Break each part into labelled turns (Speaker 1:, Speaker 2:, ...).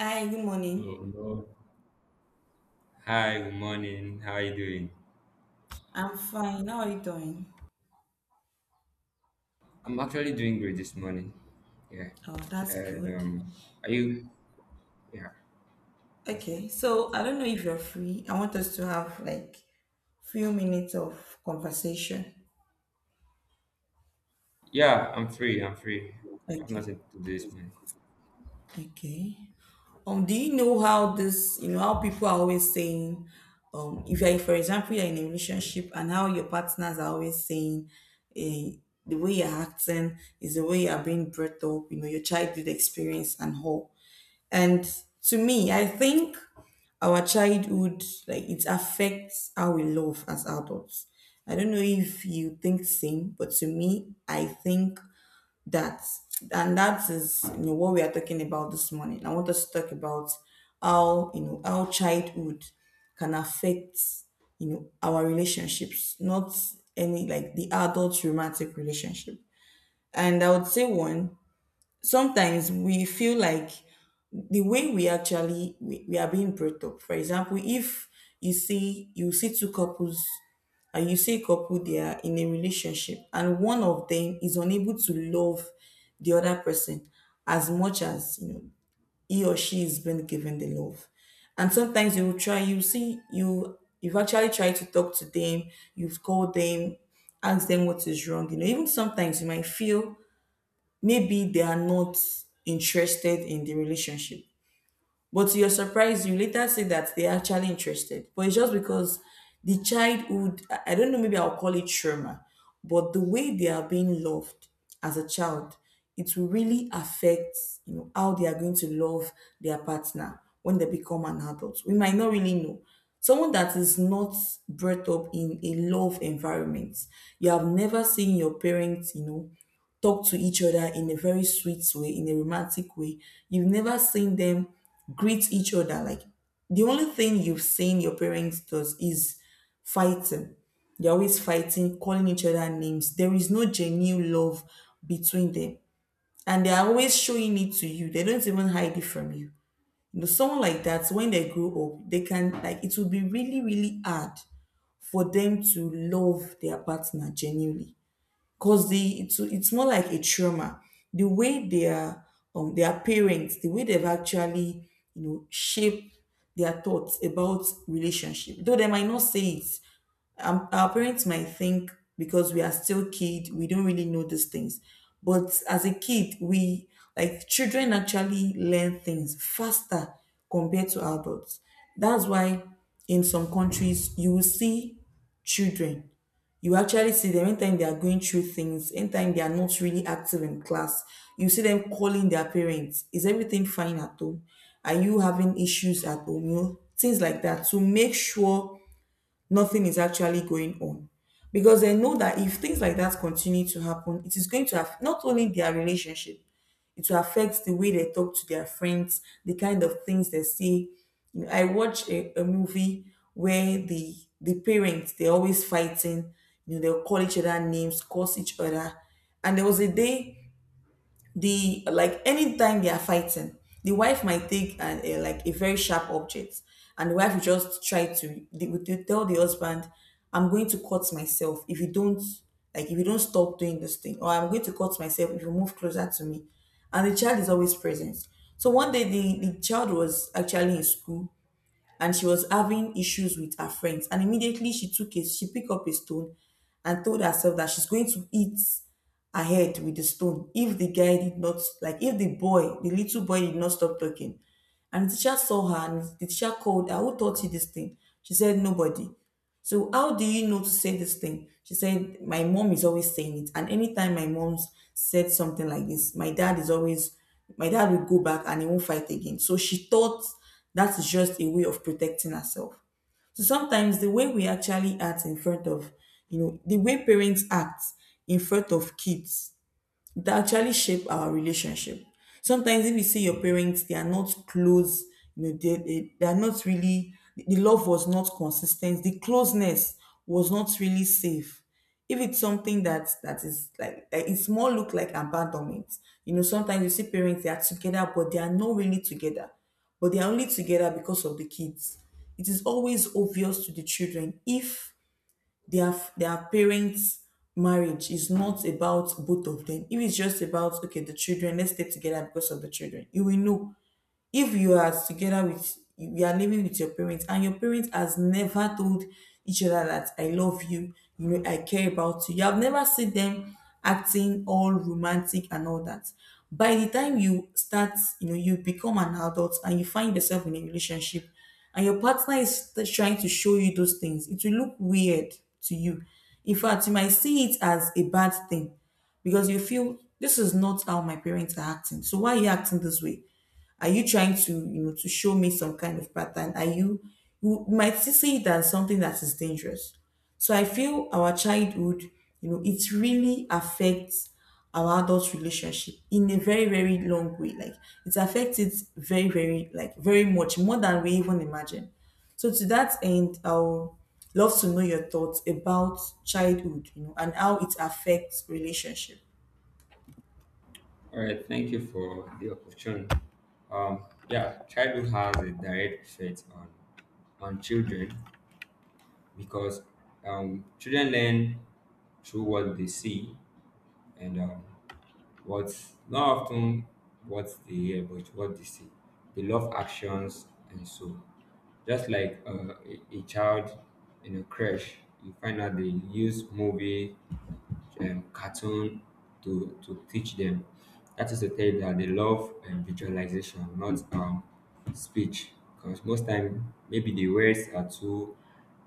Speaker 1: Hi, good morning.
Speaker 2: Hello. Hi, good morning. How are you doing?
Speaker 1: I'm fine. How are you doing?
Speaker 2: I'm actually doing great this morning. Yeah.
Speaker 1: Oh, that's
Speaker 2: And
Speaker 1: good.
Speaker 2: are you yeah, that's fine.
Speaker 1: Okay, so I don't know if you're free. I want us to have like few minutes of conversation.
Speaker 2: Yeah, I'm free. I have
Speaker 1: Okay.
Speaker 2: nothing to do this morning.
Speaker 1: Okay. Do you know how this, how people are always saying, if you're, for example, you're in a relationship and how your partners are always saying, eh, the way you're acting is the way you're being brought up, you know, your childhood experience and all. And to me, I think our childhood, like it affects how we love as adults. I don't know if you think same, but to me, I think that, and that is you know what we are talking about this morning. I want us to talk about how you know how childhood can affect you know our relationships, not any like the adult romantic relationship. And I would say one, sometimes we feel like the way we actually we are being brought up. For example, if you see two couples and you see a couple they are in a relationship and one of them is unable to love the other person as much as you know he or she is being given the love. And sometimes you will try you you've actually tried to talk to them, you've called them, asked them what is wrong. You know, even sometimes you might feel maybe they are not interested in the relationship but to your surprise, you later say that they're actually interested. But it's just because the childhood, I don't know, maybe I'll call it trauma, but the way they are being loved as a child, it will really affect, you know, how they are going to love their partner when they become an adult. We might not really know. Someone that is not brought up in a love environment, you have never seen your parents, you know, talk to each other in a very sweet way, in a romantic way. You've never seen them greet each other. Like the only thing you've seen your parents does is fighting. They're always fighting, calling each other names. There is no genuine love between them. And they're always showing it to you. They don't even hide it from you. You know, someone like that, when they grow up, they can like it will be really, really hard for them to love their partner genuinely because the it's more like a trauma the way their parents the way they've actually you know shaped their thoughts about relationship though they might not say it. Our parents might think because we are still kid we don't really know these things but as a kid we like children actually learn things faster compared to adults. That's why in some countries you will see children you actually see them anytime they are going through things, anytime they are not really active in class you see them calling their parents. Is everything fine at home, are you having issues at home, you know, things like that to make sure nothing is actually going on, because they know that if things like that continue to happen, it is going to have not only their relationship, it will affect the way they talk to their friends, the kind of things they say. You know, I watch a movie where the parents they're always fighting, you know, they'll call each other names, curse each other. And there was a day the like anytime they are fighting the wife might take like a very sharp object and the wife will just try to they tell the husband, I'm going to cut myself if you don't like if you don't stop doing this thing, or I'm going to cut myself if you move closer to me. And the child is always present. So one day the child was actually in school and she was having issues with her friends. And immediately she picked up a stone and told herself that she's going to eat her head with the stone if the guy did not like if the boy, the little boy did not stop talking. And the teacher saw her and the teacher called her, "Who taught you this thing?" She said, "Nobody." "So how do you know to say this thing?" She said, "My mom is always saying it. And anytime my mom said something like this, my dad is always my dad will go back and he won't fight again." So she thought that is just a way of protecting herself. So sometimes the way we actually act in front of, you know, the way parents act in front of kids, that actually shape our relationship. Sometimes if you see your parents, they are not close, you know, they are not really, the love was not consistent, the closeness was not really safe. If it's something that is like, it's more look like abandonment. You know, sometimes you see parents they are together, but they are not really together. But they are only together because of the kids. It is always obvious to the children if their parents' marriage is not about both of them. If it's just about okay, the children, let's stay together because of the children, you will know if you are together with you are living with your parents and your parents has never told each other that I love you, you know, I care about you. You have never seen them acting all romantic and all that. By the time you start, you know, you become an adult and you find yourself in a relationship and your partner is trying to show you those things, it will look weird to you. In fact, you might see it as a bad thing because you feel this is not how my parents are acting. So why are you acting this way? Are you trying to, you know, to show me some kind of pattern? Are you, you might see it as something that is dangerous. So I feel our childhood, you know, it really affects our adult relationship in a very, very long way. Like it affects it very, very, like very much more than we even imagine. So to that end, I'll love to know your thoughts about childhood, you know, and how it affects relationship.
Speaker 2: All right, thank you for the opportunity. Yeah, Childhood has a direct effect on children because children learn through what they see and What not often what they hear, but what they see. They love actions and so. Just like a child in a crash, you find out they use movie, cartoon to teach them. That is to tell you that they love visualization, not speech. Because most time, maybe the words are too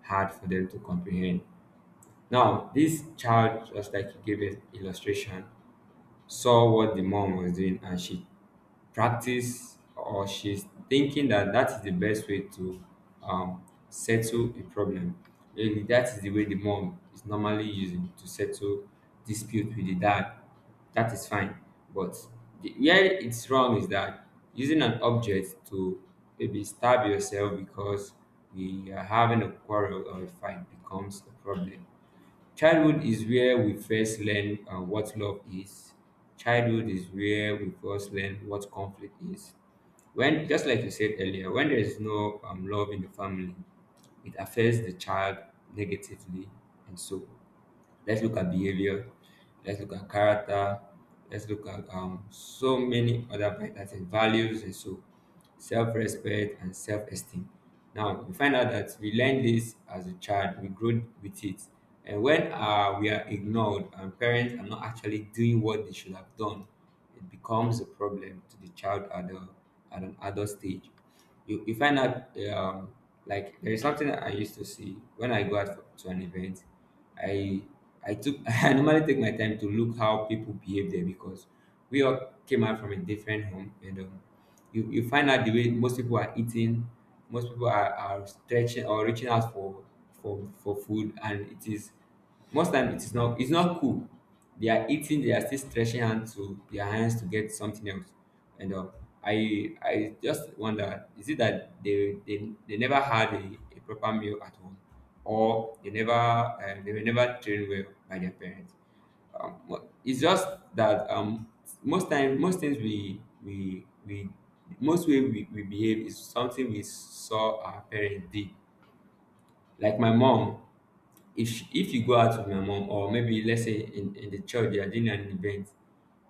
Speaker 2: hard for them to comprehend. Now, this child, just like you gave an illustration, saw what the mom was doing and she practiced, or she's thinking that that is the best way to um, settle a problem. Really, that is the way the mom is normally using to settle dispute with the dad. That is fine. But where it's wrong is that using an object to maybe stab yourself because we are having a quarrel or a fight becomes a problem. Childhood is where we first learn what love is. Childhood is where we first learn what conflict is. When, just like you said earlier, when there is no love in the family, it affects the child negatively and so on. Let's look at behavior. Let's look at character. Let's look at so many other vitals and values, and so self-respect and self-esteem. Now we find out that we learn this as a child, we grow with it. And when we are ignored and parents are not actually doing what they should have done, it becomes a problem to the child at an adult stage. You find out like there is something I used to see when I go out to an event. I I took I normally take my time to look how people behave there because we all came out from a different home. You find out the way most people are eating, most people are stretching or reaching out for food, and it is most time, it is not, it's not cool. They are eating, they are still stretching hands to get something else. And I just wonder, is it that they never had a proper meal at home, or they never they were never trained well by their parents? But it's just that most time, most things we most way we behave is something we saw our parents did. Like my mom, if you go out with my mom, or maybe let's say in the church they are doing an event,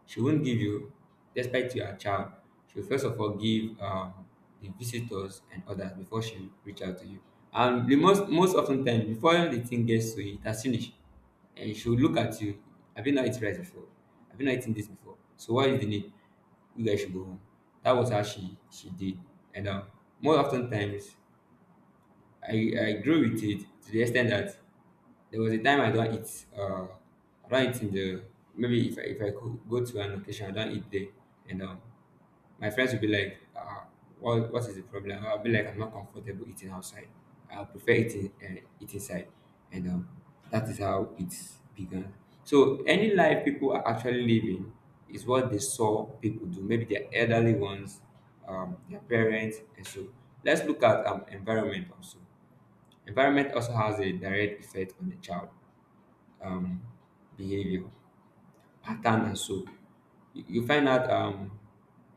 Speaker 2: she won't give you, despite you are a child, she'll first of all give the visitors and others before she reach out to you. And the most most often time, before the thing gets to you, it has finished. And she'll look at you: have you not eaten rice before? Have you not eaten this before? So what is the need? You guys should go home. That was how she did. And More often times, I grew with it to the extent that there was a time I don't eat. I don't eat in the, maybe if I could go to an occasion, I don't eat there, and my friends would be like, "What is the problem?" I'll be like, "I'm not comfortable eating outside. I prefer eating eat inside," and that is how it's begun. So any life people are actually living is what they saw people do. Maybe their elderly ones, their parents, and so let's look at environment also. Environment also has a direct effect on the child um, behavior, pattern, and so. You find out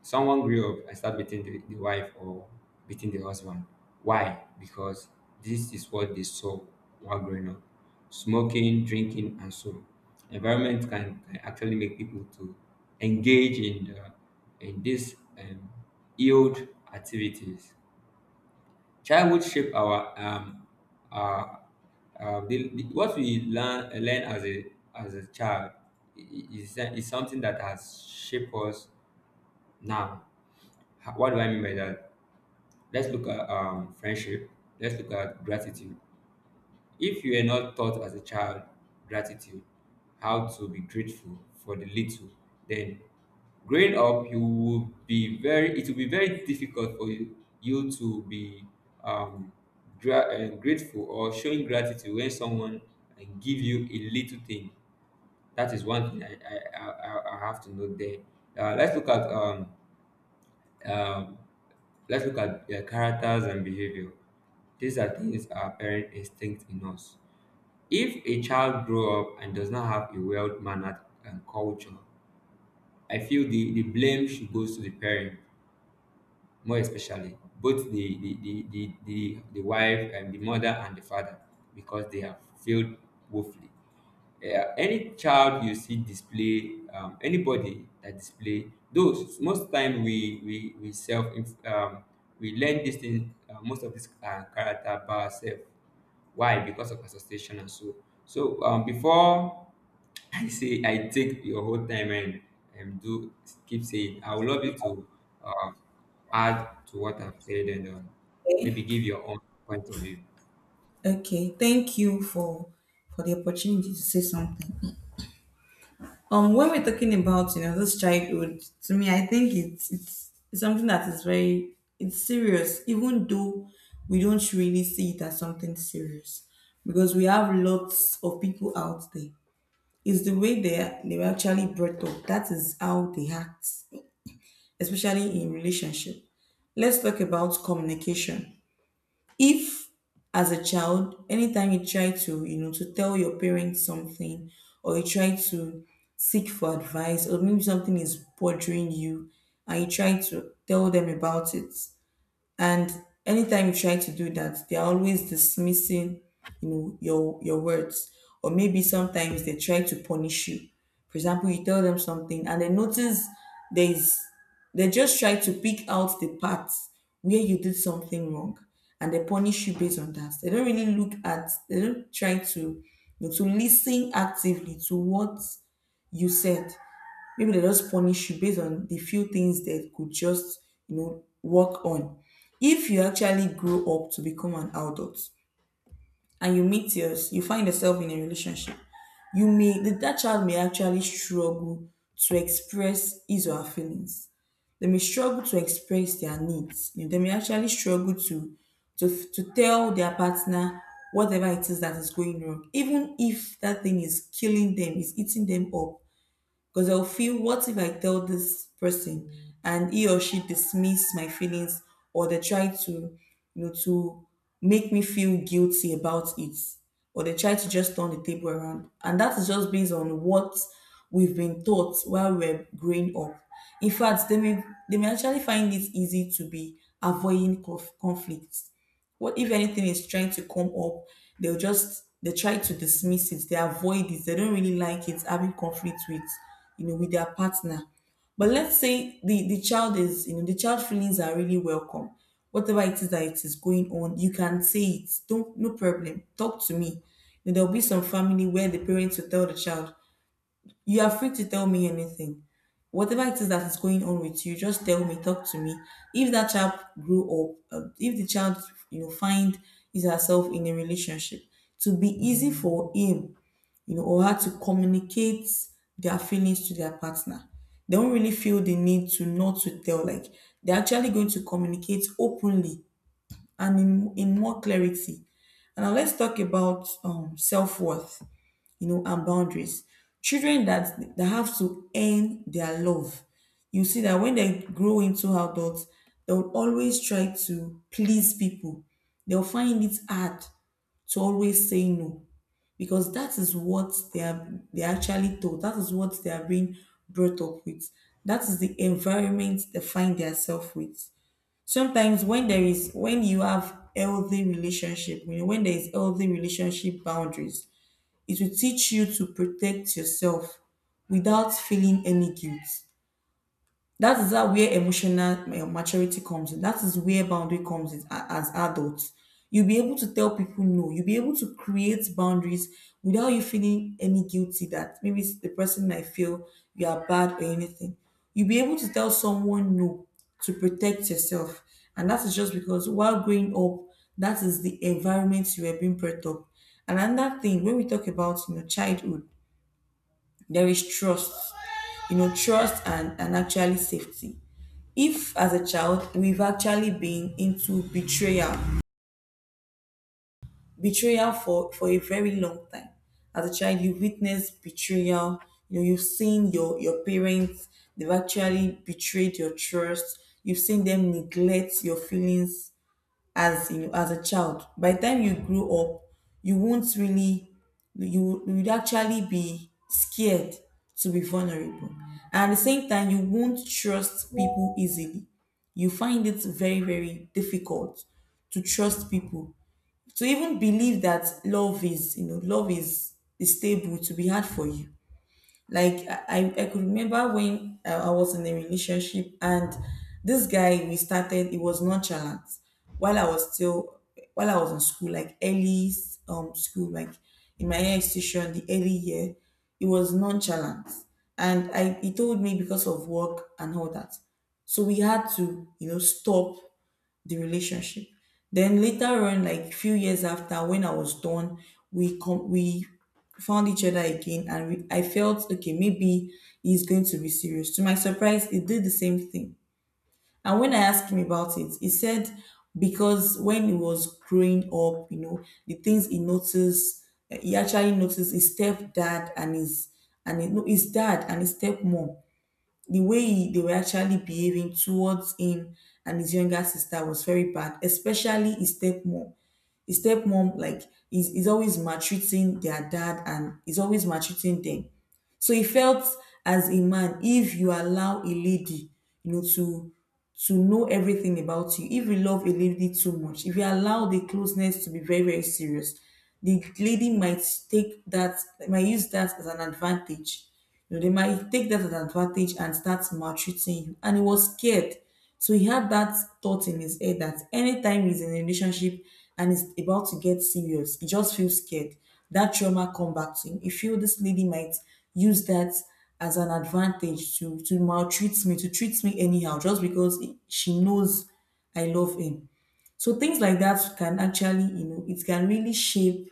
Speaker 2: someone grew up and start beating the wife or beating the husband. Why? Because this is what they saw while growing up. Smoking, drinking, and so environment can actually make people to engage in the, in this yield activities. Childhood shape our the- what we learn learn as a child is is something that has shaped us now. What do I mean by that? Let's look at friendship. Let's look at gratitude. If you were not taught as a child gratitude, how to be grateful for the little, then growing up, you will be very it will be very difficult for you, you to be um, grateful or showing gratitude when someone give you a little thing. That is one thing I have to note there. Let's look at um, let's look at their characters and behavior. These are things our parent instinct in us. If a child grow up and does not have a well-mannered culture, I feel the blame should goes to the parent, more especially both the wife and the mother and the father, because they have failed woefully. Yeah, any child you see display, anybody that display those most time we learn this thing most of this character by ourselves. Why? Because of association and so. So before I say I take your whole time and do keep saying, I would love you to uh, add to what I've said, and
Speaker 1: Okay?
Speaker 2: maybe give your own point of view.
Speaker 1: Okay, thank you for the opportunity to say something. When we're talking about you know this childhood, to me, I think it's something that is very it's serious, even though we don't really see it as something serious, because we have lots of people out there. It's the way they were actually brought up. That is how they act, especially in relationship. Let's talk about communication. If as a child anytime you try to you know to tell your parents something or you try to seek for advice or maybe something is bothering you and you try to tell them about it, and anytime you try to do that, they're always dismissing, you know, your words. Or maybe sometimes they try to punish you. For example, you tell them something and they notice there's they just try to pick out the parts where you did something wrong and they punish you based on that. They don't really look at they don't try to you know, to listen actively to what you said. Maybe they just punish you based on the few things that could just you know work on. If you actually grow up to become an adult and you meet yours you find yourself in a relationship you may that child may actually struggle to express his or her feelings. They may struggle to express their needs. You know, they may actually struggle to, to tell their partner whatever it is that is going wrong, even if that thing is killing them, is eating them up. Because I'll feel, what if I tell this person and he or she dismiss my feelings or they try to, you know, to make me feel guilty about it, or they try to just turn the table around. And that is just based on what we've been taught while we're growing up. In fact, they may actually find it easy to be avoiding conflict. What if anything is trying to come up, they'll just they try to dismiss it, they avoid it, they don't really like it, having conflict with you know with their partner. But let's say the child is, you know, the child feelings are really welcome. Whatever it is that it is going on, you can say it. Don't no problem. Talk to me. You know, there'll be some family where the parents will tell the child, you are free to tell me anything. Whatever it is that is going on with you, just tell me, talk to me. If that child grew up, if the child, you know, find is herself in a relationship, to be easy for him, you know, or her to communicate their feelings to their partner. They don't really feel the need to not to tell. Like they're actually going to communicate openly and in more clarity. And now let's talk about self worth, you know, and boundaries. Children that have to earn their love, you see that when they grow into adults, they will always try to please people. They'll find it hard to always say no, because that is what they are actually taught. That is what they are being brought up with. That is the environment they find themselves with. Sometimes when there is when you have healthy relationship, you know, when there is healthy relationship boundaries, it will teach you to protect yourself without feeling any guilt. That is that where emotional maturity comes in. That is where boundary comes in. As adults, you'll be able to tell people no, you'll be able to create boundaries without you feeling any guilty that maybe it's the person might feel you are bad or anything. You'll be able to tell someone no to protect yourself, and that is just because while growing up, that is the environment you were being brought up. And another thing, when we talk about, you know, childhood, there is trust, you know, trust and actually safety. If as a child we've actually been into betrayal, betrayal for a very long time, as a child you've witnessed betrayal. You know, you've seen your parents, they've actually betrayed your trust. You've seen them neglect your feelings as, you know, as a child. By the time you grow up, you won't really, you would actually be scared to be vulnerable. And at the same time, you won't trust people easily. You find it very, very difficult to trust people. To even believe that love is, you know, love is stable, to be hard for you. Like I could remember when I was in a relationship, and this guy we started, it was nonchalant while I was still, while I was in school, like early school, like in my institution, the early year, it was nonchalant. And I he told me because of work and all that. So we had to, you know, stop the relationship. Then later on, like few years after, when I was done, we found each other again, and I felt okay, maybe he's going to be serious. To my surprise, he did the same thing. And when I asked him about it, he said because when he was growing up, you know, the things he noticed, he actually noticed his stepdad and his, no, his dad and his stepmom, the way he, they were actually behaving towards him and his younger sister was very bad, especially his stepmom. His stepmom, like, is always maltreating their dad and is always maltreating them. So he felt as a man, if you allow a lady, you know, to know everything about you. If you love a lady too much, if you allow the closeness to be very, very serious, the lady might take that, might use that as an advantage. You know, they might take that as an advantage and start maltreating you. And he was scared. So he had that thought in his head that anytime he's in a relationship and it's about to get serious, he just feels scared. That trauma come back to him. He feel this lady might use that as an advantage to maltreat me, to treat me anyhow, just because she knows I love him. So things like that can actually, you know, it can really shape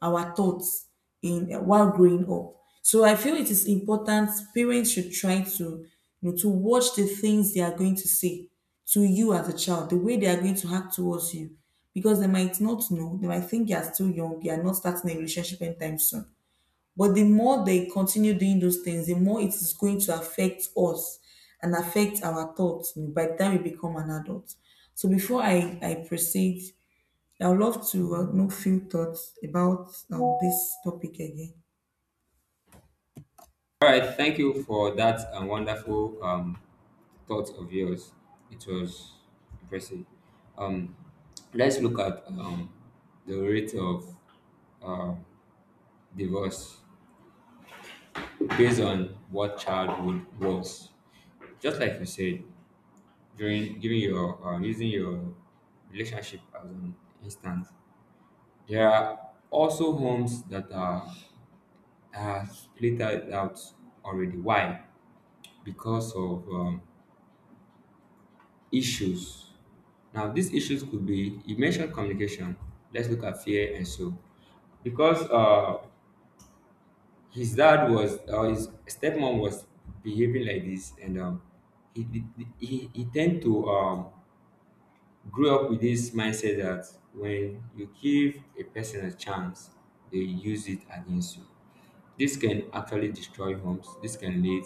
Speaker 1: our thoughts in while growing up. So I feel it is important parents should try to, you know, to watch the things they are going to say to you as a child, the way they are going to act towards you, because they might not know, they might think you are still young, you are not starting a relationship anytime soon. But the more they continue doing those things, the more it is going to affect us and affect our thoughts by the time we become an adult. So before I proceed, I would love to know few thoughts about this topic again.
Speaker 2: All right, thank you for that wonderful thought of yours. It was impressive. Um, let's look at the rate of uh, divorce based on what childhood was. Just like you said, during giving your using your relationship as an instance, there are also homes that are split out already. Why? Because of issues. Now, these issues could be, you mentioned communication. Let's look at fear and so, because his dad was, or his stepmom was behaving like this, and he tend to grew up with this mindset that when you give a person a chance, they use it against you. This can actually destroy homes. This can lead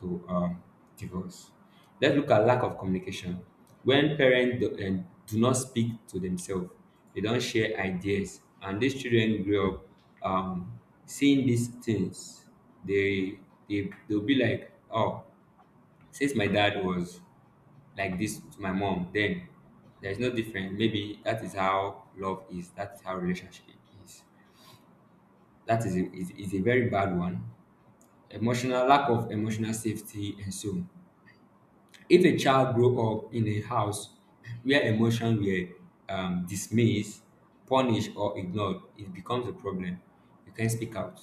Speaker 2: to divorce. Let's look at lack of communication. When parents do not speak to themselves, they don't share ideas, and these children grow up um, seeing these things. They they'll be like, oh. Since my dad was like this to my mom, then there is no difference. Maybe that is how love is. That is how relationship is. That is a very bad one. Emotional Lack of emotional safety and so. If a child grows up in a house where emotions were dismissed, punished, or ignored, it becomes a problem. You can't speak out.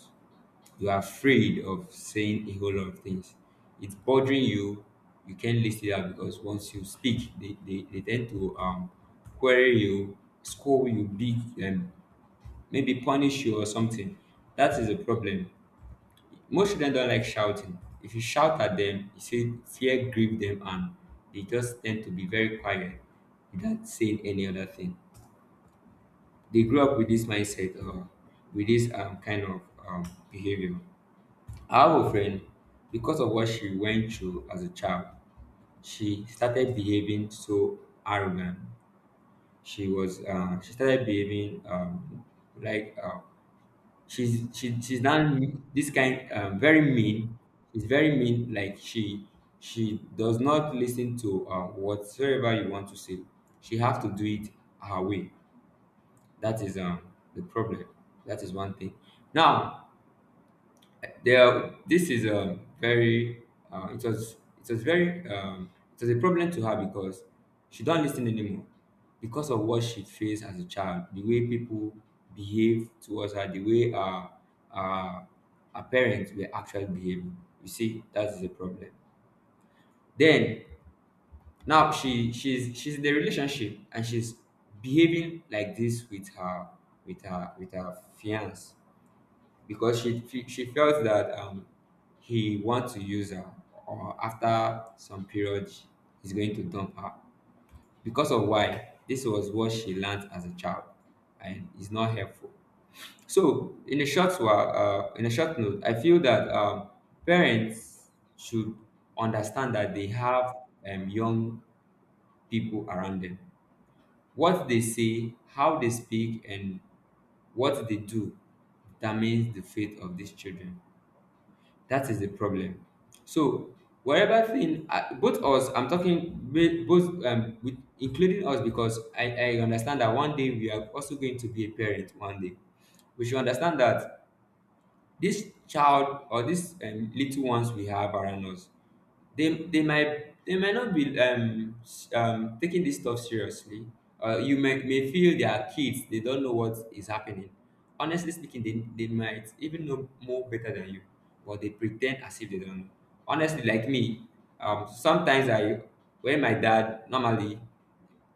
Speaker 2: You are afraid of saying a whole lot of things. It's bothering you. You can't list it out because once you speak, they tend to query you, scold you, beat, and maybe punish you or something. That is a problem. Most children don't like shouting. If you shout at them, you say fear grieve them, and they just tend to be very quiet without saying any other thing. They grew up with this mindset, or with this kind of um, behavior. I have a friend, because of what she went through as a child, she started behaving so arrogant. She started behaving like she's now this kind, very mean. She's very mean like she she does not listen to whatsoever you want to say. She have to do it her way. That is the problem. That is one thing. Now, this is a very uh, it was it was very it was a problem to her, because she don't listen anymore, because of what she faced as a child, the way people behave towards her, the way uh, her parents were actually behaving. You see, that is a problem. Then now she's in the relationship, and she's behaving like this with her with her with her fiance, because she felt that he wants to use her, or after some period he's going to dump her. Because of why, this was what she learned as a child, and it's not helpful. So in a short while, in a short note, I feel that parents should understand that they have young people around them. What they say, how they speak, and what they do determines the fate of these children. That is the problem. So wherever thing, both us, I'm talking with both, with, including us, because I understand that one day we are also going to be a parent one day. We should understand that this child, or this little ones we have around us, they might not be taking this stuff seriously. You may feel they are kids; they don't know what is happening. Honestly speaking, they might even know more better than you, but they pretend as if they don't know. Honestly, like me, sometimes I when my dad normally,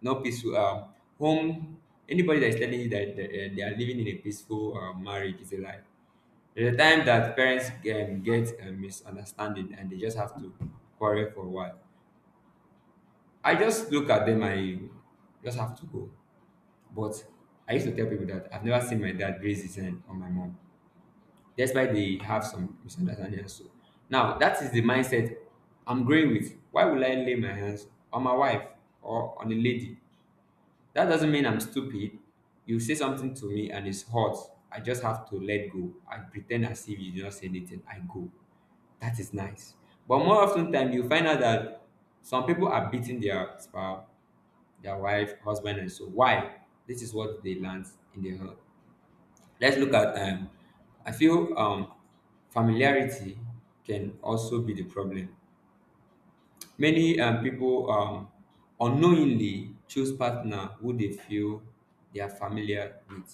Speaker 2: no peaceful home. Anybody that is telling you that they are living in a peaceful marriage is a lie. There's a time that parents get a misunderstanding and they just have to quarrel for a while. I just look at them I just have to go. But I used to tell people that I've never seen my dad raise his hand on my mom, despite they have some misunderstanding. And So now that is the mindset I'm growing with. Why would I lay my hands on my wife or on a lady? That doesn't mean I'm stupid. You say something to me and it's hot. I just have to let go. I pretend as if you did not say anything. I go. That is nice. But more often time, you find out that some people are beating their spouse, their wife, husband, and so. Why? This is what they learned in the home. Let's look at I feel familiarity can also be the problem. Many people unknowingly choose partner who they feel they are familiar with,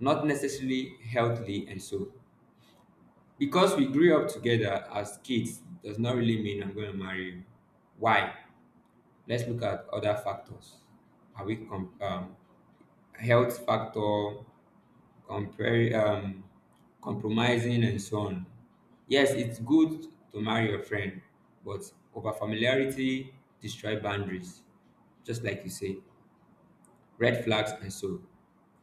Speaker 2: not necessarily healthily, and so. Because we grew up together as kids does not really mean I'm going to marry you. Why? Let's look at other factors. are we com- um, Health factor, compare, compromising, and so on. Yes, it's good to marry your friend, but over familiarity destroy boundaries, just like you say, red flags and so.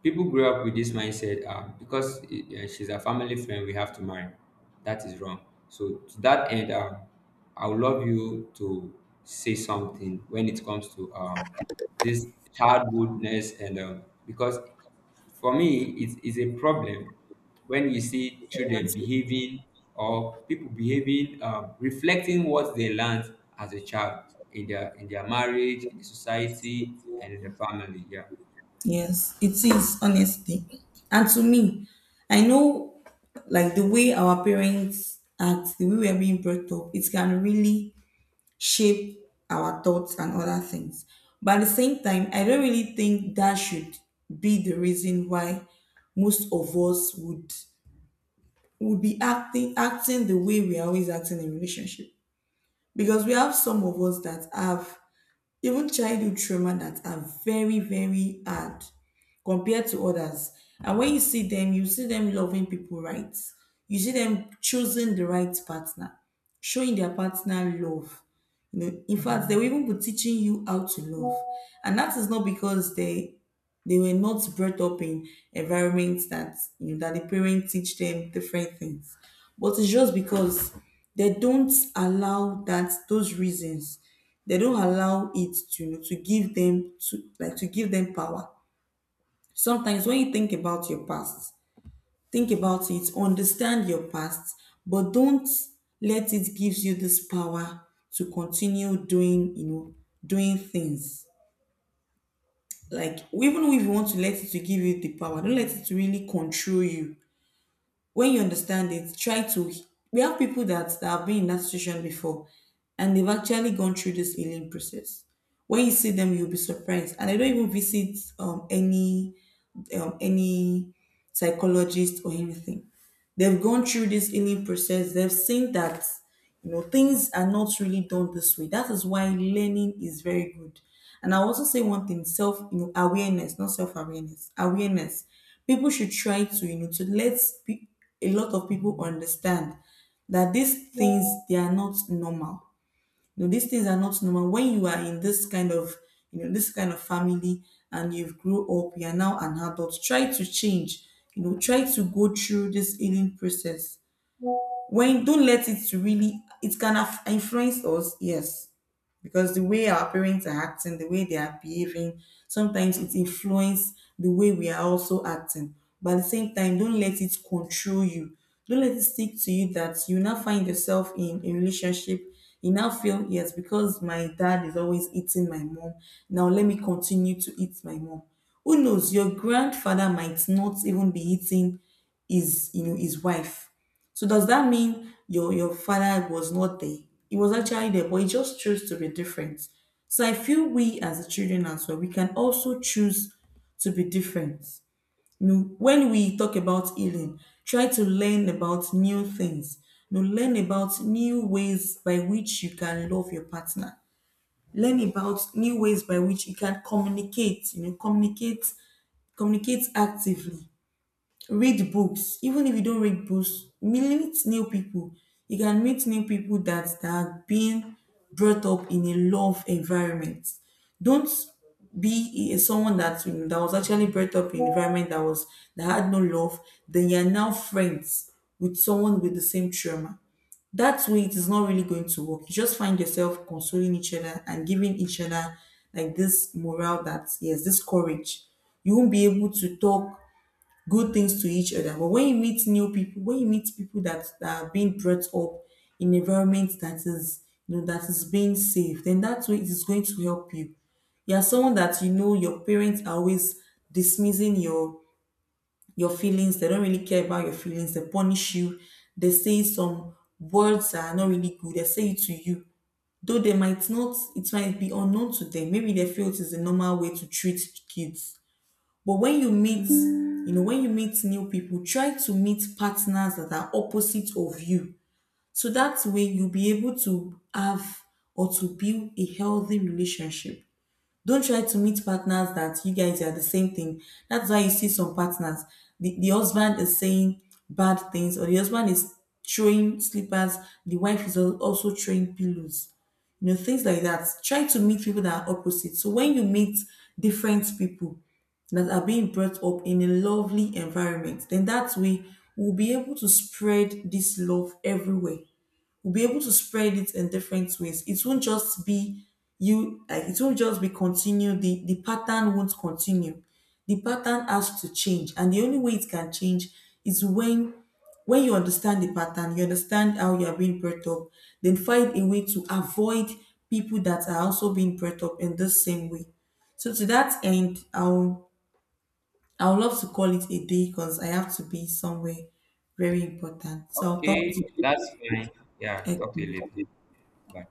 Speaker 2: People grow up with this mindset because she's a family friend, we have to marry. That is wrong. So, to that end, I would love you to say something when it comes to this childhoodness, and because for me, it's a problem when you see children behaving, or people behaving, reflecting what they learned as a child in their marriage, in the society, and in the family. Yeah.
Speaker 1: Yes, it is honestly. And to me, I know like the way our parents act, the way we are being brought up, it can really shape our thoughts and other things. But at the same time, I don't really think that should be the reason why most of us would be acting the way we are always acting in relationship. Because we have some of us that have even childhood trauma that are very, very hard compared to others, and when you see them, you see them loving people right, you see them choosing the right partner, showing their partner love. You know, in fact, they will even be teaching you how to love. And that is not because they were not brought up in environments that, you know, that the parents teach them different things, but it's just because they don't allow that those reasons, they don't allow it to, you know, to give them to, like, to give them power. Sometimes when you think about your past, think about it, understand your past, but don't let it gives you this power to continue doing, you know, doing things. Like, even if you want to let it to give you the power, don't let it really control you. When you understand it, try to. We have people that have been in that situation before, and they've actually gone through this healing process. When you see them, you'll be surprised. And I don't even visit any psychologist or anything. They've gone through this healing process. They've seen that, you know, things are not really done this way. That is why learning is very good. And I also say one thing: self, you know, awareness, not self awareness, awareness. People should try to, you know, to let pe- a lot of people understand that these things, they are not normal. You know, these things are not normal. When you are in this kind of, you know, this kind of family, and you've grew up, you are now an adult, try to change, you know, try to go through this healing process. When don't let it really, it can influence us, yes, because the way our parents are acting, the way they are behaving, sometimes it influences the way we are also acting. But at the same time, don't let it control you. Don't let it stick to you that you now find yourself in a relationship, you now feel yes, because my dad is always eating my mom, now let me continue to eat my mom. Who knows, your grandfather might not even be eating his, you know, his wife. So does that mean your father was not there? He was actually there, but he just chose to be different. So I feel we as children as well, we can also choose to be different. You know, when we talk about healing, try to learn about new things. You know, learn about new ways by which you can love your partner. Learn about new ways by which you can communicate. You know, communicate actively, read books. Even if you don't read books, meet new people. You can meet new people that are being brought up in a love environment. Don't be someone that, that was actually brought up in an environment that was, that had no love, then you're now friends with someone with the same trauma. That way it is not really going to work. You just find yourself consoling each other and giving each other, like, this morale that yes, this courage, you won't be able to talk good things to each other. But when you meet new people, when you meet people that are being brought up in environment that is, you know, that is being safe, then that way it is going to help you. You are someone that, you know, your parents are always dismissing your feelings. They don't really care about your feelings. They punish you. They say some words that are not really good. They say it to you. Though they might not, it might be unknown to them. Maybe they feel it is the normal way to treat kids. But when you meet, you know, when you meet new people, try to meet partners that are opposite of you. So that way you'll be able to have or to build a healthy relationship. Don't try to meet partners that you guys are the same thing. That's why you see some partners. The husband is saying bad things, or the husband is throwing slippers, the wife is also throwing pillows. You know, things like that, try to meet people that are opposite. So when you meet different people that are being brought up in a lovely environment, then that way we'll be able to spread this love everywhere. We'll be able to spread it in different ways. It won't just be you, like it won't just be continue, the pattern won't continue. The pattern has to change. And the only way it can change is when you understand the pattern, you understand how you are being brought up, then find a way to avoid people that are also being brought up in the same way. So to that end, I'll, I would love to call it a day because I have to be somewhere very important. So I'll talk
Speaker 2: Okay,
Speaker 1: to
Speaker 2: that's fine. Yeah,
Speaker 1: you.
Speaker 2: talk to you
Speaker 1: Okay.
Speaker 2: later. Bye.